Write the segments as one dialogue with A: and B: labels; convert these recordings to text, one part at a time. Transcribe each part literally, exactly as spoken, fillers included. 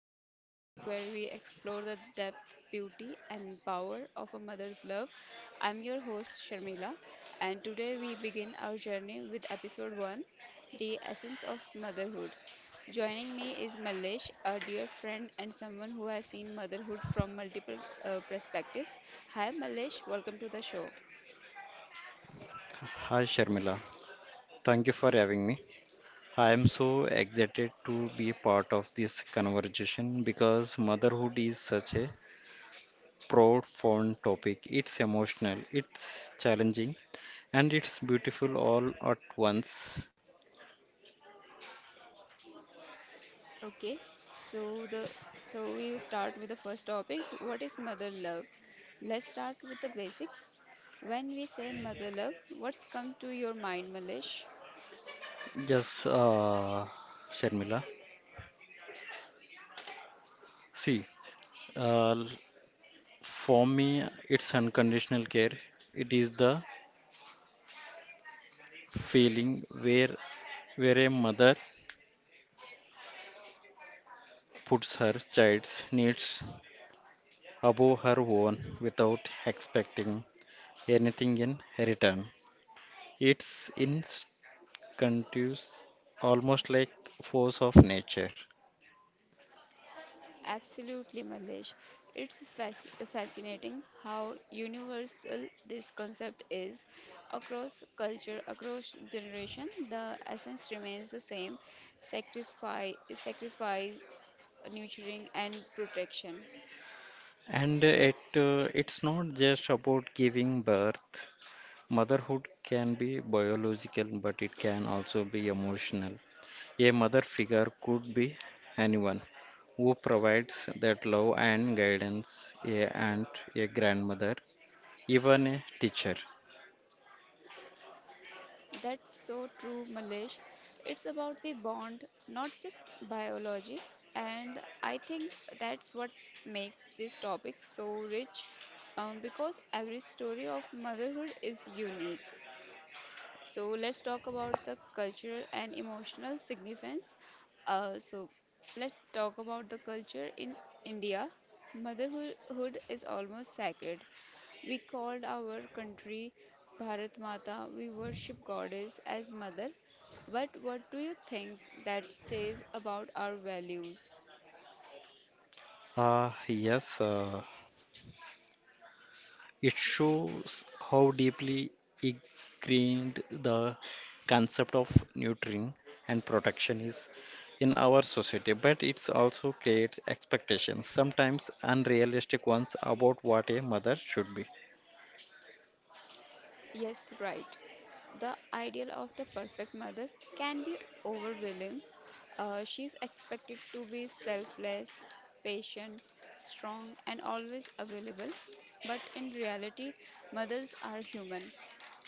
A: the podcast where we explore the depth, beauty, and power of a mother's love. I'm your host, Sharmila, and today we begin our journey with episode one, The Essence of Motherhood. Joining me is Malesh, a dear friend and someone who has seen motherhood from multiple uh, perspectives. Hi, Malesh, welcome to the show.
B: Hi Sharmila, thank you for having me. I am so excited to be part of this conversation because motherhood is such a profound topic. It's emotional, it's challenging, and it's beautiful all at once.
A: Okay, so the so we will start with the first topic. What is mother love? Let's start with the basics. When we say mother love, what's come to your mind, Malish?
B: Yes, uh, Sharmila. See, uh, l- for me, it's unconditional care. It is the feeling where where a mother puts her child's needs above her own without expecting anything in return. It's instinctive, almost like force of nature.
A: Absolutely, Malish. It's fasc- fascinating how universal this concept is across culture, across generation. The essence remains the same: sacrifice, sacrifice, nurturing, and protection.
B: And it, uh, it's not just about giving birth. Motherhood can be biological, but it can also be emotional. A mother figure could be anyone who provides that love and guidance, a aunt, a grandmother, even a teacher.
A: That's so true, Malish. It's about the bond, not just biology. And I think that's what makes this topic so rich, um, because every story of motherhood is unique. So let's talk about the cultural and emotional significance. Uh, so let's talk about the culture in India. Motherhood is almost sacred. We called our country Bharat Mata. We worship goddess as mother. But what do you think that says about our values?
B: Ah, yes. uh, It shows how deeply ingrained the concept of nurturing and protection is in our society, but it also creates expectations, sometimes unrealistic ones, about what a mother should be.
A: Yes, right. The ideal of the perfect mother can be overwhelming. Uh, she's expected to be selfless, patient, strong, and always available. But in reality, mothers are human.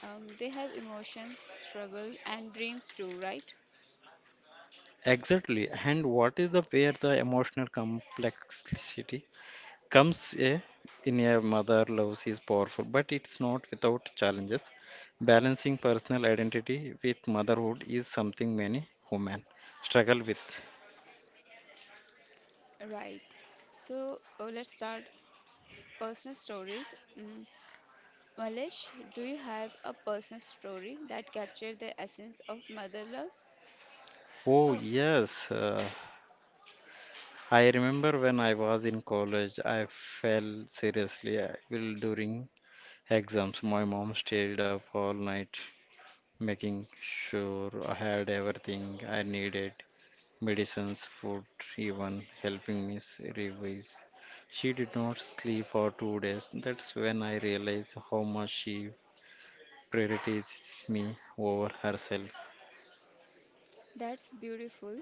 A: Um, they have emotions, struggles, and dreams too, right?
B: Exactly, and what is the where the emotional complexity comes a, in a mother loves is powerful, but it's not without challenges. Balancing personal identity with motherhood is something many women struggle with.
A: Right. So uh, let's start personal stories. Mm. Malesh, do you have a personal story that captured the essence of mother love?
B: Oh,
A: Oh,
B: yes. Uh, I remember when I was in college, I fell seriously uh, ill during exams. My mom stayed up all night making sure I had everything I needed: medicines, food, even helping me s- revise. She did not sleep for two days. That's when I realized how much she prioritizes me over herself.
A: that's beautiful.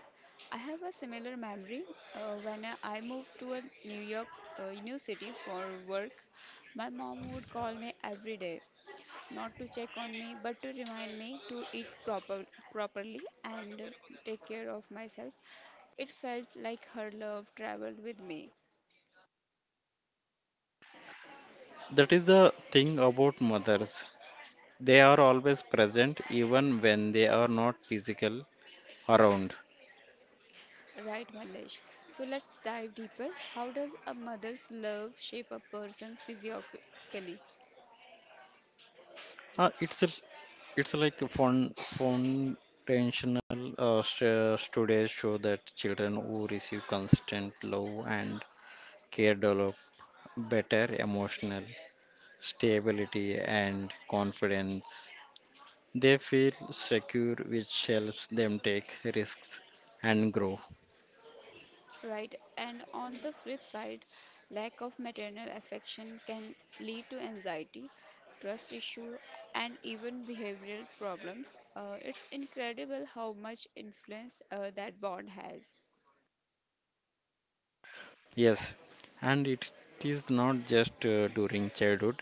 A: I have a similar memory. Uh, when I I moved to a New York, uh, new city for work, my mom would call me every day, not to check on me, but to remind me to eat proper properly and take care of myself. It felt like her love traveled with me.
B: That is the thing about mothers. They are always present even when they are not physical around.
A: Right, Malesh. So let's dive deeper. How does a mother's love shape a person physiologically?
B: Uh, it's a, it's like a fun, fun intentional uh, st- studies show that children who receive constant love and care develop better emotional stability, and confidence. They feel secure, which helps them take risks and grow.
A: Right? And on the flip side, lack of maternal affection can lead to anxiety, trust issue, and even behavioral problems. Uh, it's incredible how much influence uh, that bond has.
B: Yes, and it is not just uh, during childhood.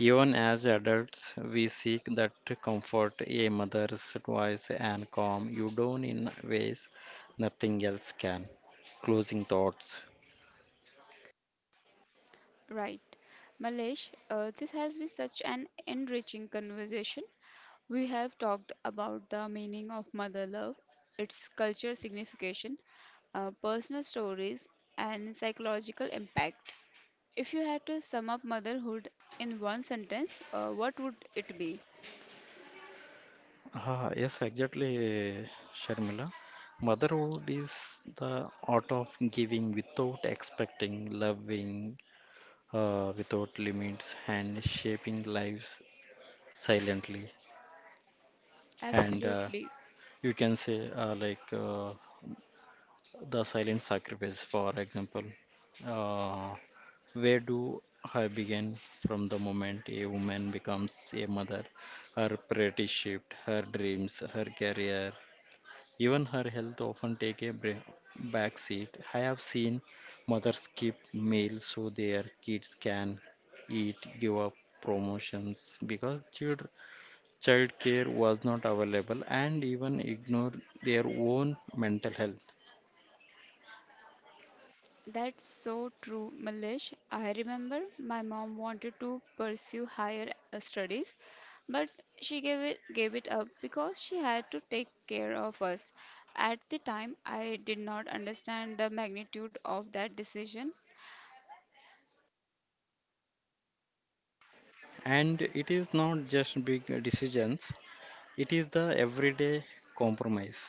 B: Even as adults, we seek that comfort, a mother's voice, and calm you down in ways nothing else can. Closing thoughts.
A: Right. Malesh, uh, this has been such an enriching conversation. We have talked about the meaning of mother love, its cultural signification, uh, personal stories, and psychological impact. If you had to sum up motherhood in one sentence, uh, what would it be?
B: Ah, yes, exactly, Sharmila. Motherhood is the art of giving without expecting, loving uh, without limits, and shaping lives silently. And uh,
A: Absolutely.
B: you can say, uh, like, uh, The silent sacrifice, for example. Uh, where do I begin from the moment a woman becomes a mother? Her priorities shift, her dreams, her career, even her health often take a bra- back seat. I have seen mothers skip meals so their kids can eat, give up promotions because child child care was not available and even ignore their own mental health.
A: That's so true, Malish. I remember my mom wanted to pursue higher uh, studies, but she gave it gave it up because she had to take care of us. At the time, I did not understand the magnitude of that decision.
B: And it is not just big decisions, it is the everyday compromise.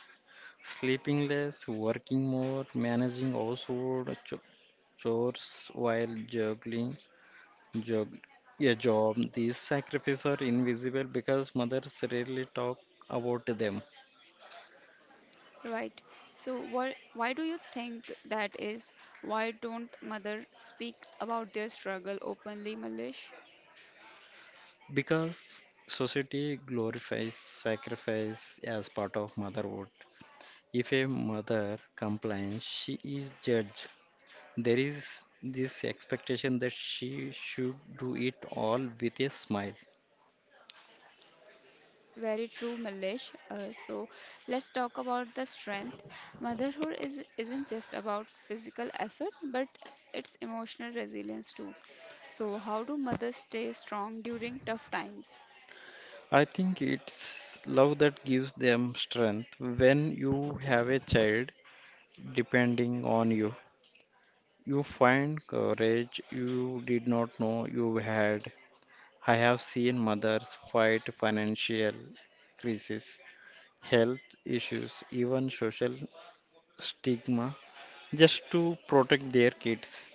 B: Sleeping less, working more, managing household cho- chores while juggling job, yeah, job. These sacrifices are invisible because mothers rarely talk about them.
A: Right. So what? Why do you think that is? Why don't mother speak about their struggle openly, Malish?
B: Because society glorifies sacrifice as part of motherhood. If a mother complains, she is judged. There is this expectation that she should do it all with a smile.
A: Very true, Milesh. Uh, so let's talk about the strength. Motherhood is isn't just about physical effort, but it's emotional resilience too. So how do mothers stay strong during tough times?
B: I think it's love that gives them strength. When you have a child depending on you, you find courage you did not know you had. I have seen mothers fight financial crises, health issues, even social stigma just to protect their kids.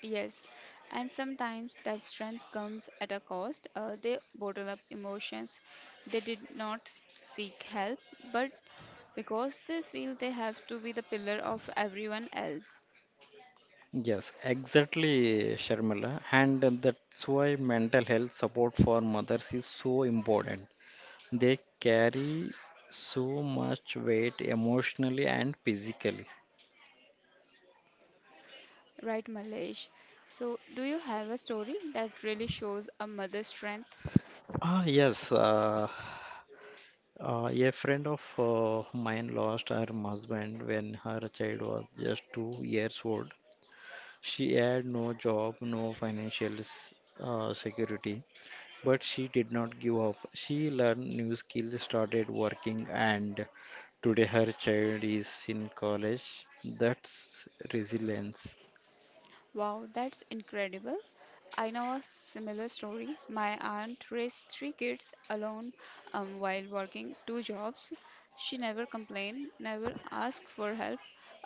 A: Yes, and sometimes that strength comes at a cost. Uh, they bottle up emotions. They did not s- seek help, but because they feel they have to be the pillar of everyone else.
B: Yes, exactly, Sharmila. And that's why mental health support for mothers is so important. They carry so much weight emotionally and physically.
A: Right, Malesh. So, do you have a story that really shows a mother's strength?
B: Ah, yes. Uh, Uh, a friend of uh, mine lost her husband when her child was just two years old. She had no job, no financial s- uh, security, but she did not give up. She learned new skills, started working, and today her child is in college. That's resilience.
A: Wow, that's incredible. I know a similar story. My aunt raised three kids alone, um, while working two jobs. She never complained, never asked for help.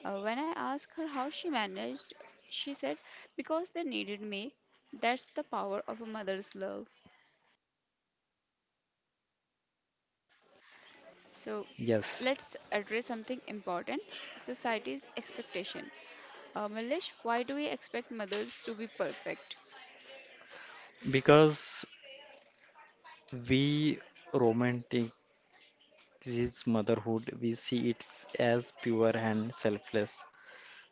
A: Uh, when I asked her how she managed, she said, "Because they needed me." That's the power of a mother's love. So
B: Yes,
A: let's address something important, society's expectation. Uh, Milesh, why do we expect mothers to be perfect?
B: because we romanticize motherhood, we see it as pure and selfless,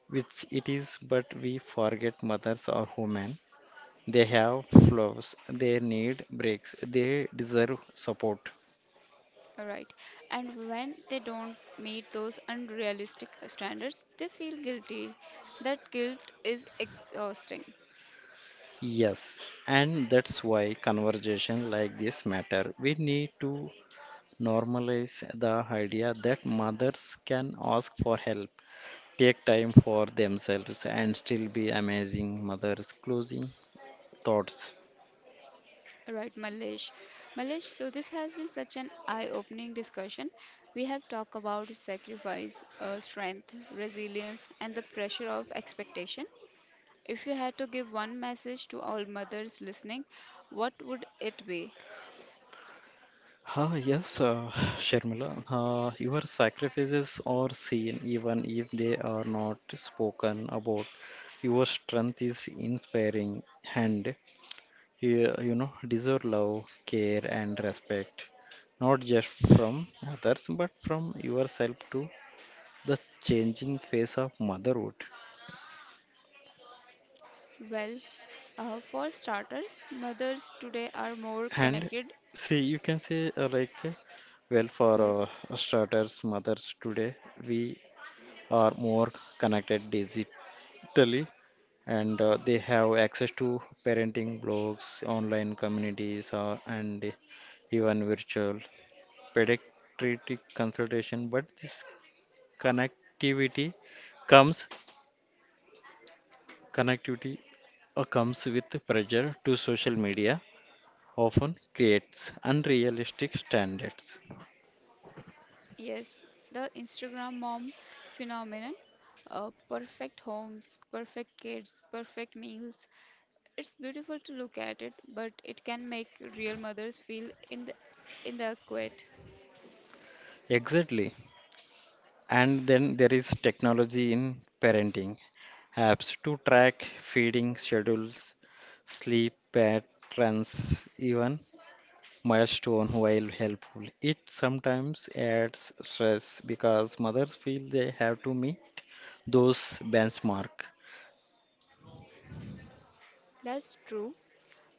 B: which it is, but we forget mothers are human. They have flaws, they need breaks, they deserve support.
A: All right. And when they don't meet those unrealistic standards, they feel guilty. That guilt is exhausting.
B: Yes, and that's why conversation like this matter. We need to normalize the idea that mothers can ask for help, take time for themselves, and still be amazing mothers. Closing thoughts.
A: All right, Malesh. Malesh, so this has been such an eye opening discussion. We have talked about sacrifice, uh, strength, resilience, and the pressure of expectation. If you had to give one message to all mothers listening, what would it be?
B: Ah, yes, uh, Sharmila, uh, your sacrifices are seen even if they are not spoken about. Your strength is inspiring and you, you know deserve love, care, and respect, not just from others but from yourself. To the changing face of motherhood.
A: Well, uh, for starters, mothers today are more
B: And
A: connected.
B: see, you can say uh, like, uh, Well, for
A: Yes,
B: uh, starters, mothers today, we are more connected digitally. Totally. And uh, they have access to parenting blogs, online communities, uh, and even virtual pediatric consultation. But this connectivity comes connectivity uh, comes with pressure to social media, often creates unrealistic standards.
A: yes, the Instagram mom phenomenon, uh, perfect homes, perfect kids, perfect meals. It's beautiful to look at it, but it can make real mothers feel in the in the quit.
B: Exactly. And then there is technology in parenting apps to track feeding schedules, sleep patterns, even milestone while helpful. It sometimes adds stress because mothers feel they have to meet those benchmark.
A: That's true.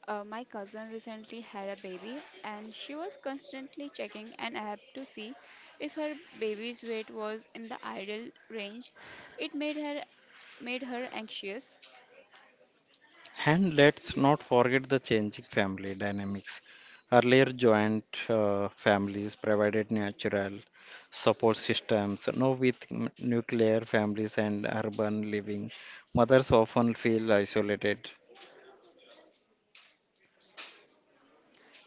A: Uh, my cousin recently had a baby and she was constantly checking an app to see if her baby's weight was in the ideal range. It made her made her anxious.
B: And let's not forget the changing family dynamics. Earlier, joint uh, families provided natural support systems. Now, with n- nuclear families and urban living, mothers often feel isolated.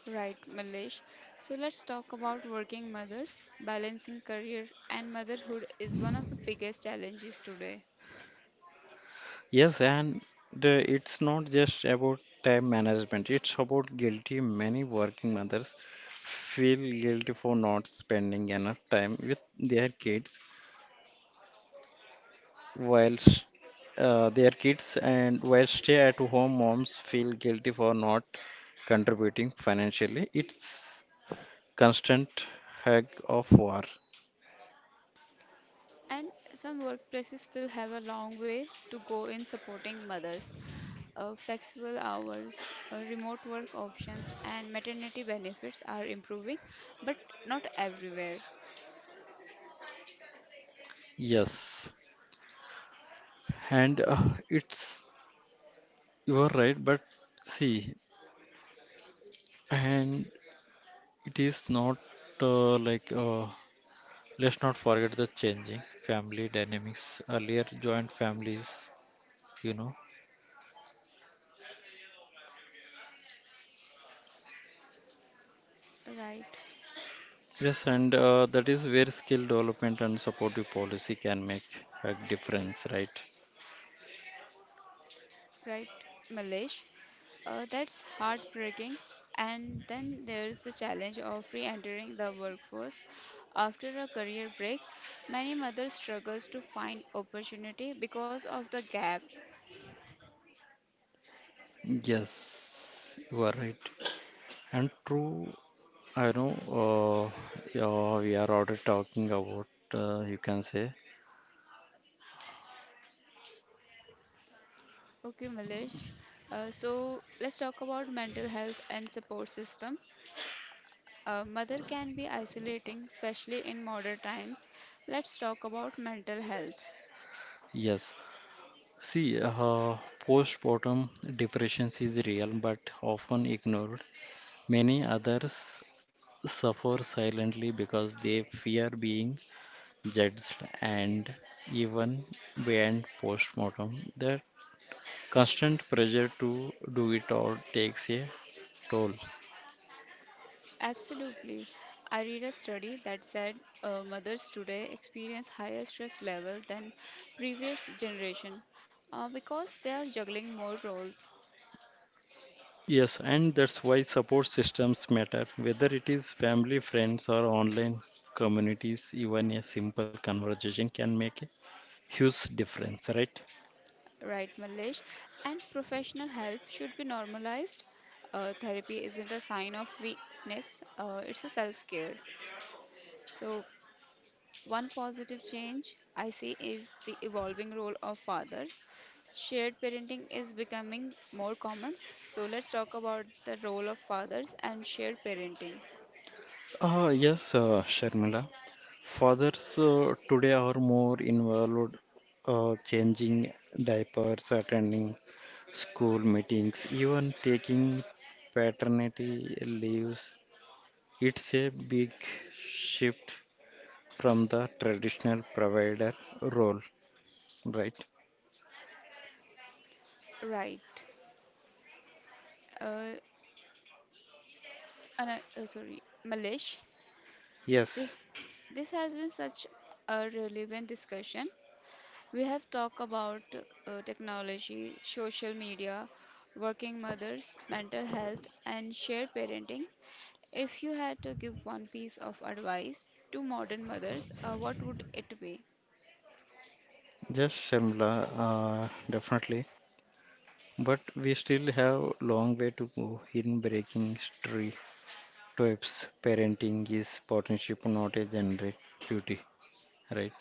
A: Right, Malesh. So let's talk about working mothers. Balancing career and motherhood is one of the biggest challenges today.
B: Yes, and the- it's not just about time management, it's about guilty. Many working mothers feel guilty for not spending enough time with their kids whilst uh, their kids and while stay at home moms feel guilty for not contributing financially. It's constant hag of war.
A: And some workplaces still have a long way to go in supporting mothers. Uh, flexible hours, uh, remote work options, and maternity benefits are improving, but not everywhere.
B: Yes, and uh, it's, you are right, but see, and it is not uh, like uh, let's not forget the changing family dynamics, earlier joint families, you know.
A: Right,
B: Yes, and uh, that is where skill development and supportive policy can make a difference, right?
A: right, Malesh. Uh, that's heartbreaking. And then there's the challenge of re entering the workforce. After a career break, many mothers struggles to find opportunity because of the gap.
B: Yes, you are right. And true, I know uh, uh, we are already talking about, uh, you can say,
A: Okay, Malish. Uh, so let's talk about mental health and support system. Uh, mother can be isolating, especially in modern times. Let's talk about mental health.
B: yes. See, uh, postpartum depression is real but often ignored. Many others suffer silently because they fear being judged, and even beyond postmortem. The constant pressure to do it all takes a toll.
A: Absolutely. I read a study that said uh, mothers today experience higher stress level than previous generation, uh, because they are juggling more roles.
B: Yes, and that's why support systems matter, whether it is family, friends, or online communities, even a simple conversation can make a huge difference, right?
A: Right, Malish. And professional help should be normalized. Uh, therapy isn't a sign of weakness, uh, it's a self care. So, one positive change I see is the evolving role of fathers. Shared parenting is becoming more common. So, let's talk about the role of fathers and shared parenting.
B: Uh, yes, uh, Sharmila. Fathers uh, today are more involved, uh, changing diapers, attending school meetings, even taking paternity leaves. It's a big shift from the traditional provider role, right?
A: Right. Uh, ana- uh, sorry, Malish.
B: Yes,
A: This this has been such a relevant discussion. We have talked about uh, technology, social media, working mothers, mental health, and shared parenting. If you had to give one piece of advice to modern mothers, uh, what would it be?
B: just Sharmila, uh, definitely. But we still have long way to go in breaking stereotypes. Parenting is partnership, not a generic duty, right?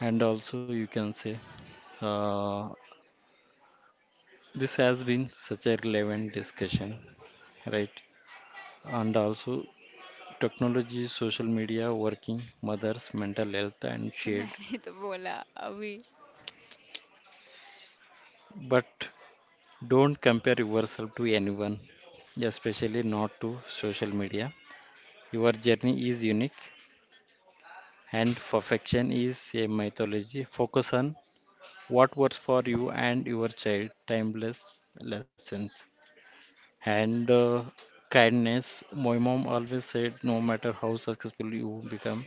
B: And also, you can say uh, this has been such a relevant discussion. Right. And also technology, social media, working, mothers, mental health and
A: So
B: shared.
A: मैंने तो बोला अभी.
B: But don't compare yourself to anyone, especially not to social media. Your journey is unique and perfection is a mythology. Focus on what works for you and your child. Timeless lessons. And uh, Kindness. My mom always said, no matter how successful you become,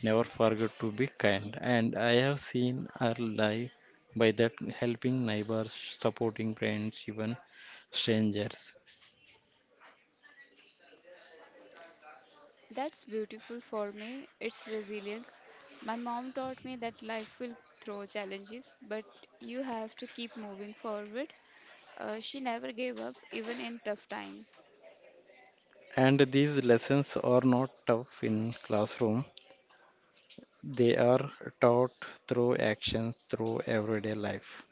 B: never forget to be kind. And I have seen her life by that, helping neighbors, supporting friends, even strangers.
A: That's beautiful for me. It's resilience. My mom taught me that life will throw challenges, but you have to keep moving forward. Uh, she never gave up, even in tough times.
B: And these lessons are not tough in classroom. They are taught through actions, through everyday life.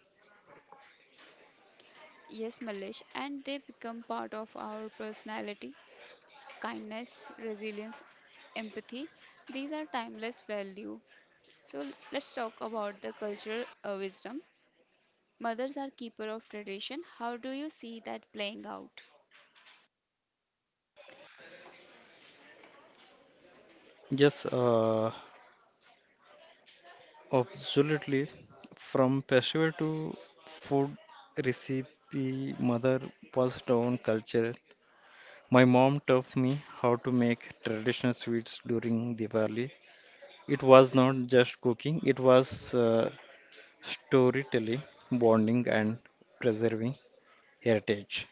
A: Yes, Malish, and they become part of our personality, kindness, resilience, empathy. These are timeless value. So let's talk about the cultural uh, wisdom. Mothers are keeper of tradition. How do you see that playing out?
B: Yes, uh, absolutely. From festival to food recipe, mother passed down culture. My mom taught me how to make traditional sweets during Diwali. It was not just cooking, it was uh, storytelling, bonding, and preserving heritage.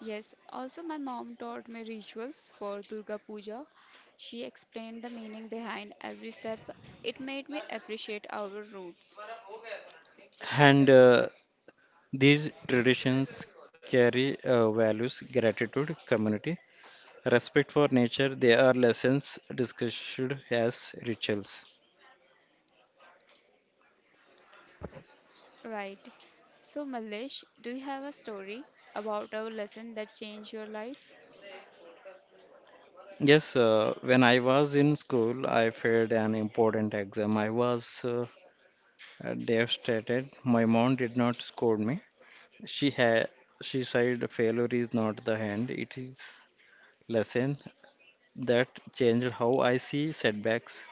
A: Yes, also my mom taught me rituals for Durga Puja. She explained the meaning behind every step. It made me appreciate our roots.
B: And uh, these traditions carry uh, values, gratitude, community, respect for nature. They are lessons discussed as rituals.
A: Right. So, Malish, do you have a story about a lesson that changed your life?
B: Yes, uh, when I was in school, I failed an important exam. I was uh, devastated. My mom did not scold me. She had, she said, failure is not the end, it is lesson. That changed how I see setbacks.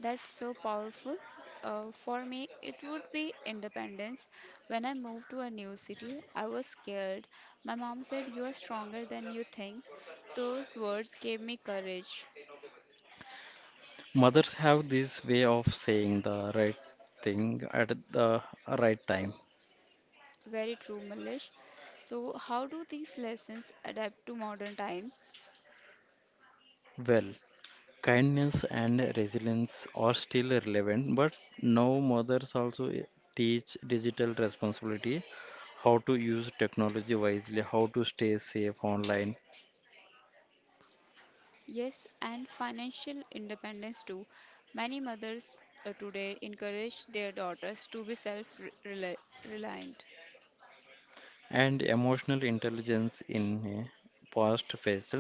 A: That's so powerful. Uh, for me, it would be independence. When I moved to a new city, I was scared. My mom said, "You are stronger than you think." Those words gave me courage.
B: Mothers have this way of saying the right thing at the right time.
A: Very true, Malish. So, how do these lessons adapt to modern times?
B: Well, kindness and resilience are still relevant, but now mothers also teach digital responsibility, how to use technology wisely, how to stay safe online,
A: Yes, and financial independence too. Many mothers uh, today encourage their daughters to be self reliant.
B: and emotional intelligence in a fast-paced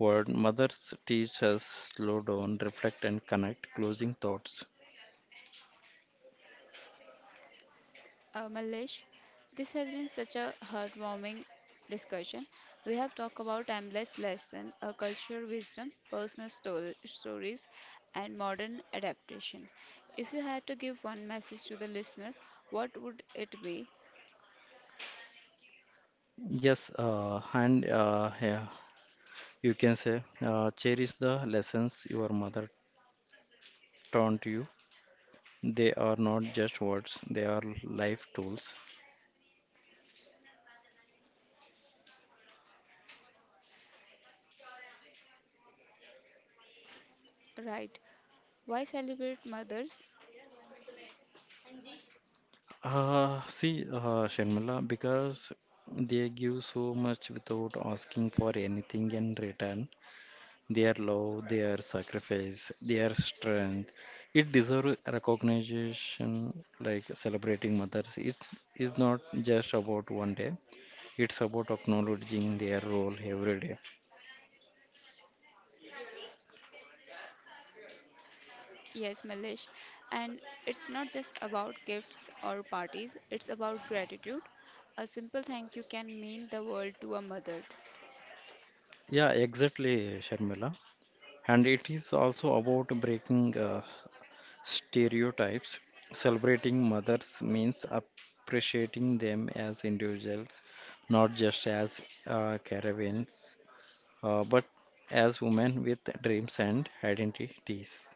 B: world. Mothers teach us slow down, reflect, and connect. Closing thoughts.
A: Uh, Malesh, this has been such a heartwarming discussion. We have talked about timeless lesson, a culture wisdom, personal stor- stories, and modern adaptation. If you had to give one message to the listener, what would it be?
B: Yes, uh, and uh, yeah, you can say, uh, cherish the lessons your mother taught you. They are not just words, they are life tools.
A: Right. Why celebrate mothers?
B: Uh, see, uh, Sharmila, because they give so much without asking for anything in return. Their love, their sacrifice, their strength, it deserves recognition. Like celebrating mothers, it's is not just about one day. It's about acknowledging their role every day.
A: Yes, Malish. And it's not just about gifts or parties, it's about gratitude. A simple thank you can mean the world to a mother.
B: Yeah, exactly, Sharmila. And it is also about breaking uh, stereotypes. Celebrating mothers means appreciating them as individuals, not just as uh, caravans, uh, but as women with dreams and identities.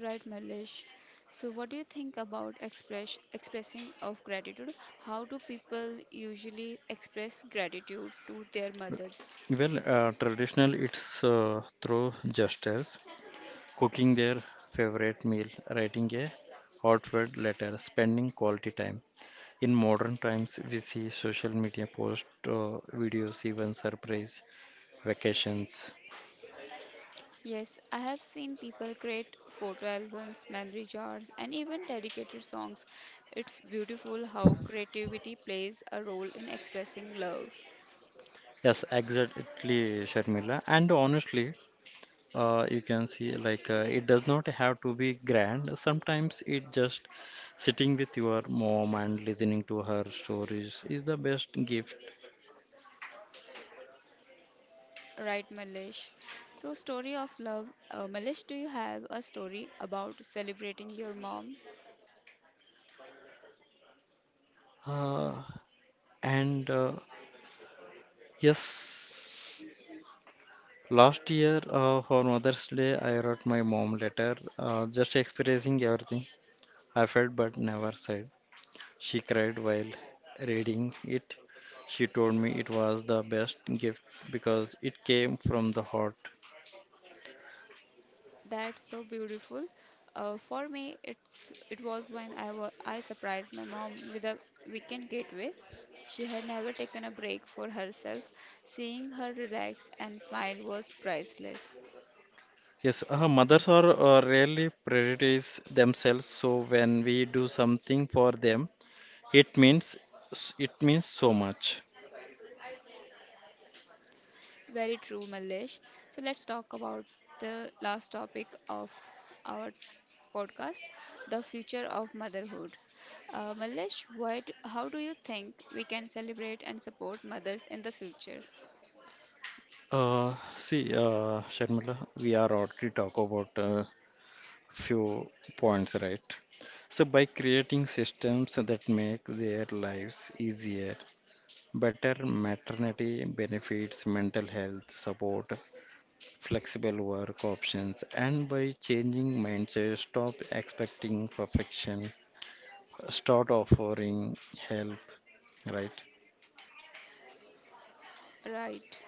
A: Right, Malish. So, what do you think about express expressing of gratitude? How do people usually express gratitude to their mothers?
B: Well, uh, traditional it's uh, through gestures, cooking their favorite meal, writing a heartfelt letter, spending quality time. In modern times, we see social media posts, uh, videos, even surprise vacations.
A: Yes, I have seen people create photo albums, memory jars, and even dedicated songs. It's beautiful how creativity plays a role in expressing love.
B: Yes, exactly, Sharmila. And honestly, uh, you can see like uh, it does not have to be grand. Sometimes it just sitting with your mom and listening to her stories is the best gift.
A: Right, Malish. So, story of love. Uh, Malish, do you have a story about celebrating your mom?
B: Uh, and uh, Yes, last year uh, for Mother's Day, I wrote my mom letter, uh, just expressing everything I felt but never said. She cried while reading it. She told me it was the best gift because it came from the heart.
A: That's so beautiful. Uh, for me, it's it was when I wa I surprised my mom with a weekend getaway. She had never taken a break for herself. Seeing her relax and smile was priceless.
B: Yes, uh, mothers are uh, rarely prioritize themselves, so when we do something for them, it means it means so much.
A: Very true, Malish. So let's talk about the last topic of our podcast, the future of motherhood. Uh, Malish, why do, how do you think we can celebrate and support mothers in the future?
B: Uh, see, uh, Sharmila, we are already talk about uh, few points, right? So by creating systems that make their lives easier, better maternity benefits, mental health support, flexible work options, and by changing mindset, stop expecting perfection, start offering help, right?
A: Right.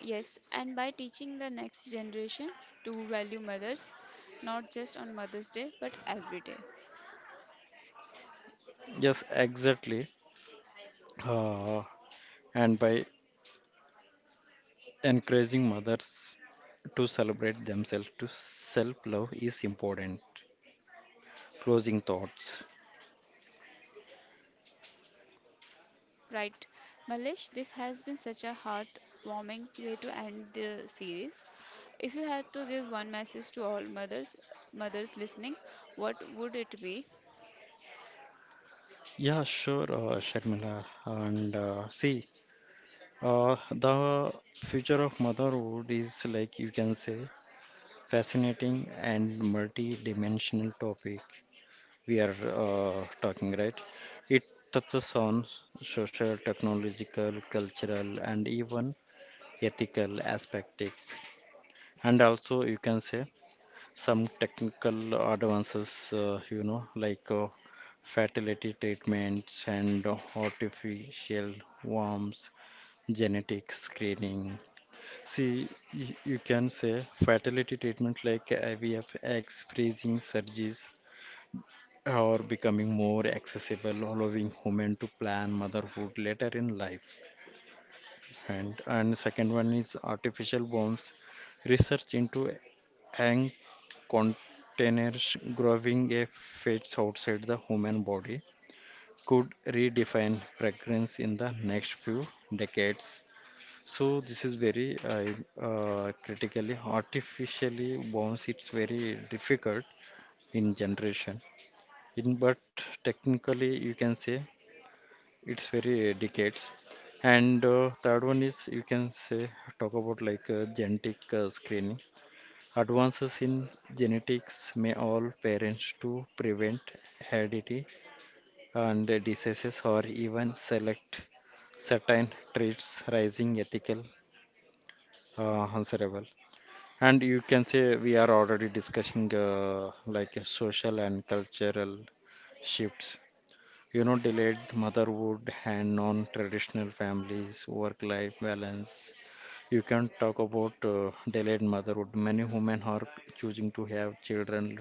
A: Yes, and by teaching the next generation to value mothers, not just on Mother's Day, but every day.
B: Yes, exactly. Uh, and by encouraging mothers to celebrate themselves, to self love is important. Closing thoughts.
A: Right, Malish, this has been such a heartwarming way to end the series. If you had to give one message to all mothers, mothers listening, what would it be?
B: Yeah, sure, uh, Sharmila. And uh, see, Uh, the future of motherhood is like you can say fascinating and multi-dimensional topic we are uh, talking right it touches on social technological cultural and even ethical aspect, and also you can say some technical advances, uh, you know like uh, fertility treatments and artificial worms, genetic screening. See, y- you can say fertility treatment like I V F, eggs freezing surgeries are becoming more accessible, allowing women to plan motherhood later in life. And and second one is artificial bombs. Research into egg containers growing a fetus outside the human body could redefine pregnancy in the next few decades. So this is very uh, uh, critically artificially bounce. It's very difficult in generation. In but technically you can say it's very decades. And uh, third one is you can say talk about like uh, genetic uh, screening. Advances in genetics may all parents to prevent heredity and diseases or even select certain traits, raising ethical uh, answerable. And you can say we are already discussing uh, like a social and cultural shifts. You know, delayed motherhood and non-traditional families, work-life balance. You can talk about uh, delayed motherhood. Many women are choosing to have children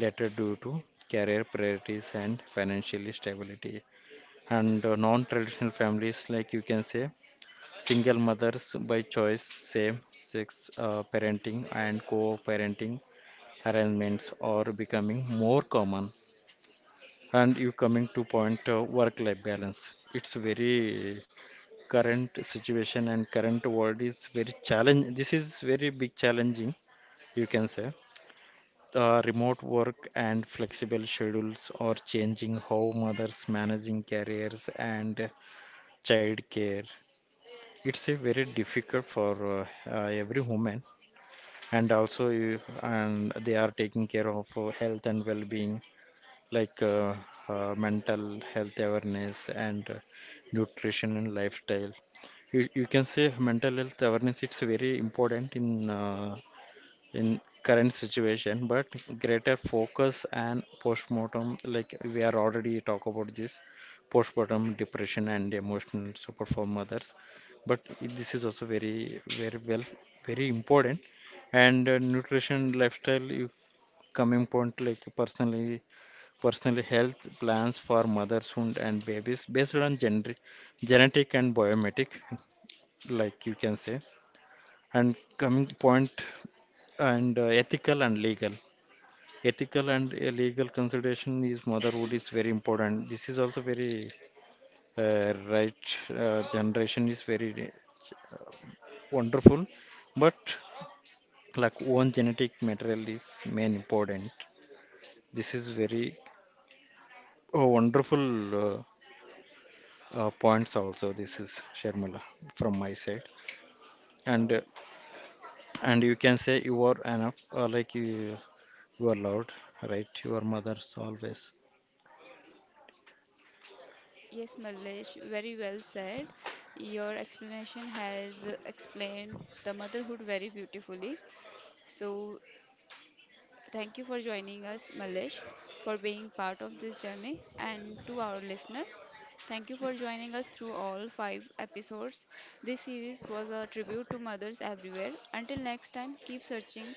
B: later due to career priorities and financial stability. And uh, non-traditional families, like you can say. Single mothers by choice, same sex uh, parenting and co parenting arrangements are becoming more common. And you coming to point uh, work life balance. It's very current situation and current world is very challenge. This is very big challenging, you can say. Uh, remote work and flexible schedules are changing how mothers managing careers and child care. It's a very difficult for uh, uh, every woman, and also you, and they are taking care of uh, health and well-being like uh, uh, mental health awareness and uh, nutrition and lifestyle. You, you can say mental health awareness it's very important in uh, in current situation, but greater focus and postmortem, like we are already talk about this, postpartum depression and emotional support for mothers, but this is also very very well, very important. And uh, nutrition lifestyle if coming point like personally personally health plans for mothers wound and babies based on gender, genetic and biometric, like you can say. And coming point and uh, ethical and legal, ethical and uh, legal consideration is motherhood is very important. This is also very uh, right, uh, generation is very uh, wonderful, but like own genetic material is main important. This is very uh wonderful uh, uh, points also. This is Sharmila from my side. And uh,
A: Uh,
B: and you can say you are enough, uh, like you, you are loved, right, your mother's always.
A: yes, Malish, very well said. Your explanation has explained the motherhood very beautifully. So thank you for joining us, Malish, for being part of this journey, and to our listener. Thank you for joining us through all five episodes. This series was a tribute to mothers everywhere. Until next time, keep searching,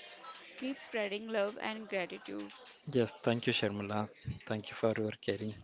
A: keep spreading love and gratitude.
B: Yes, thank you Sharmila, thank you for your caring.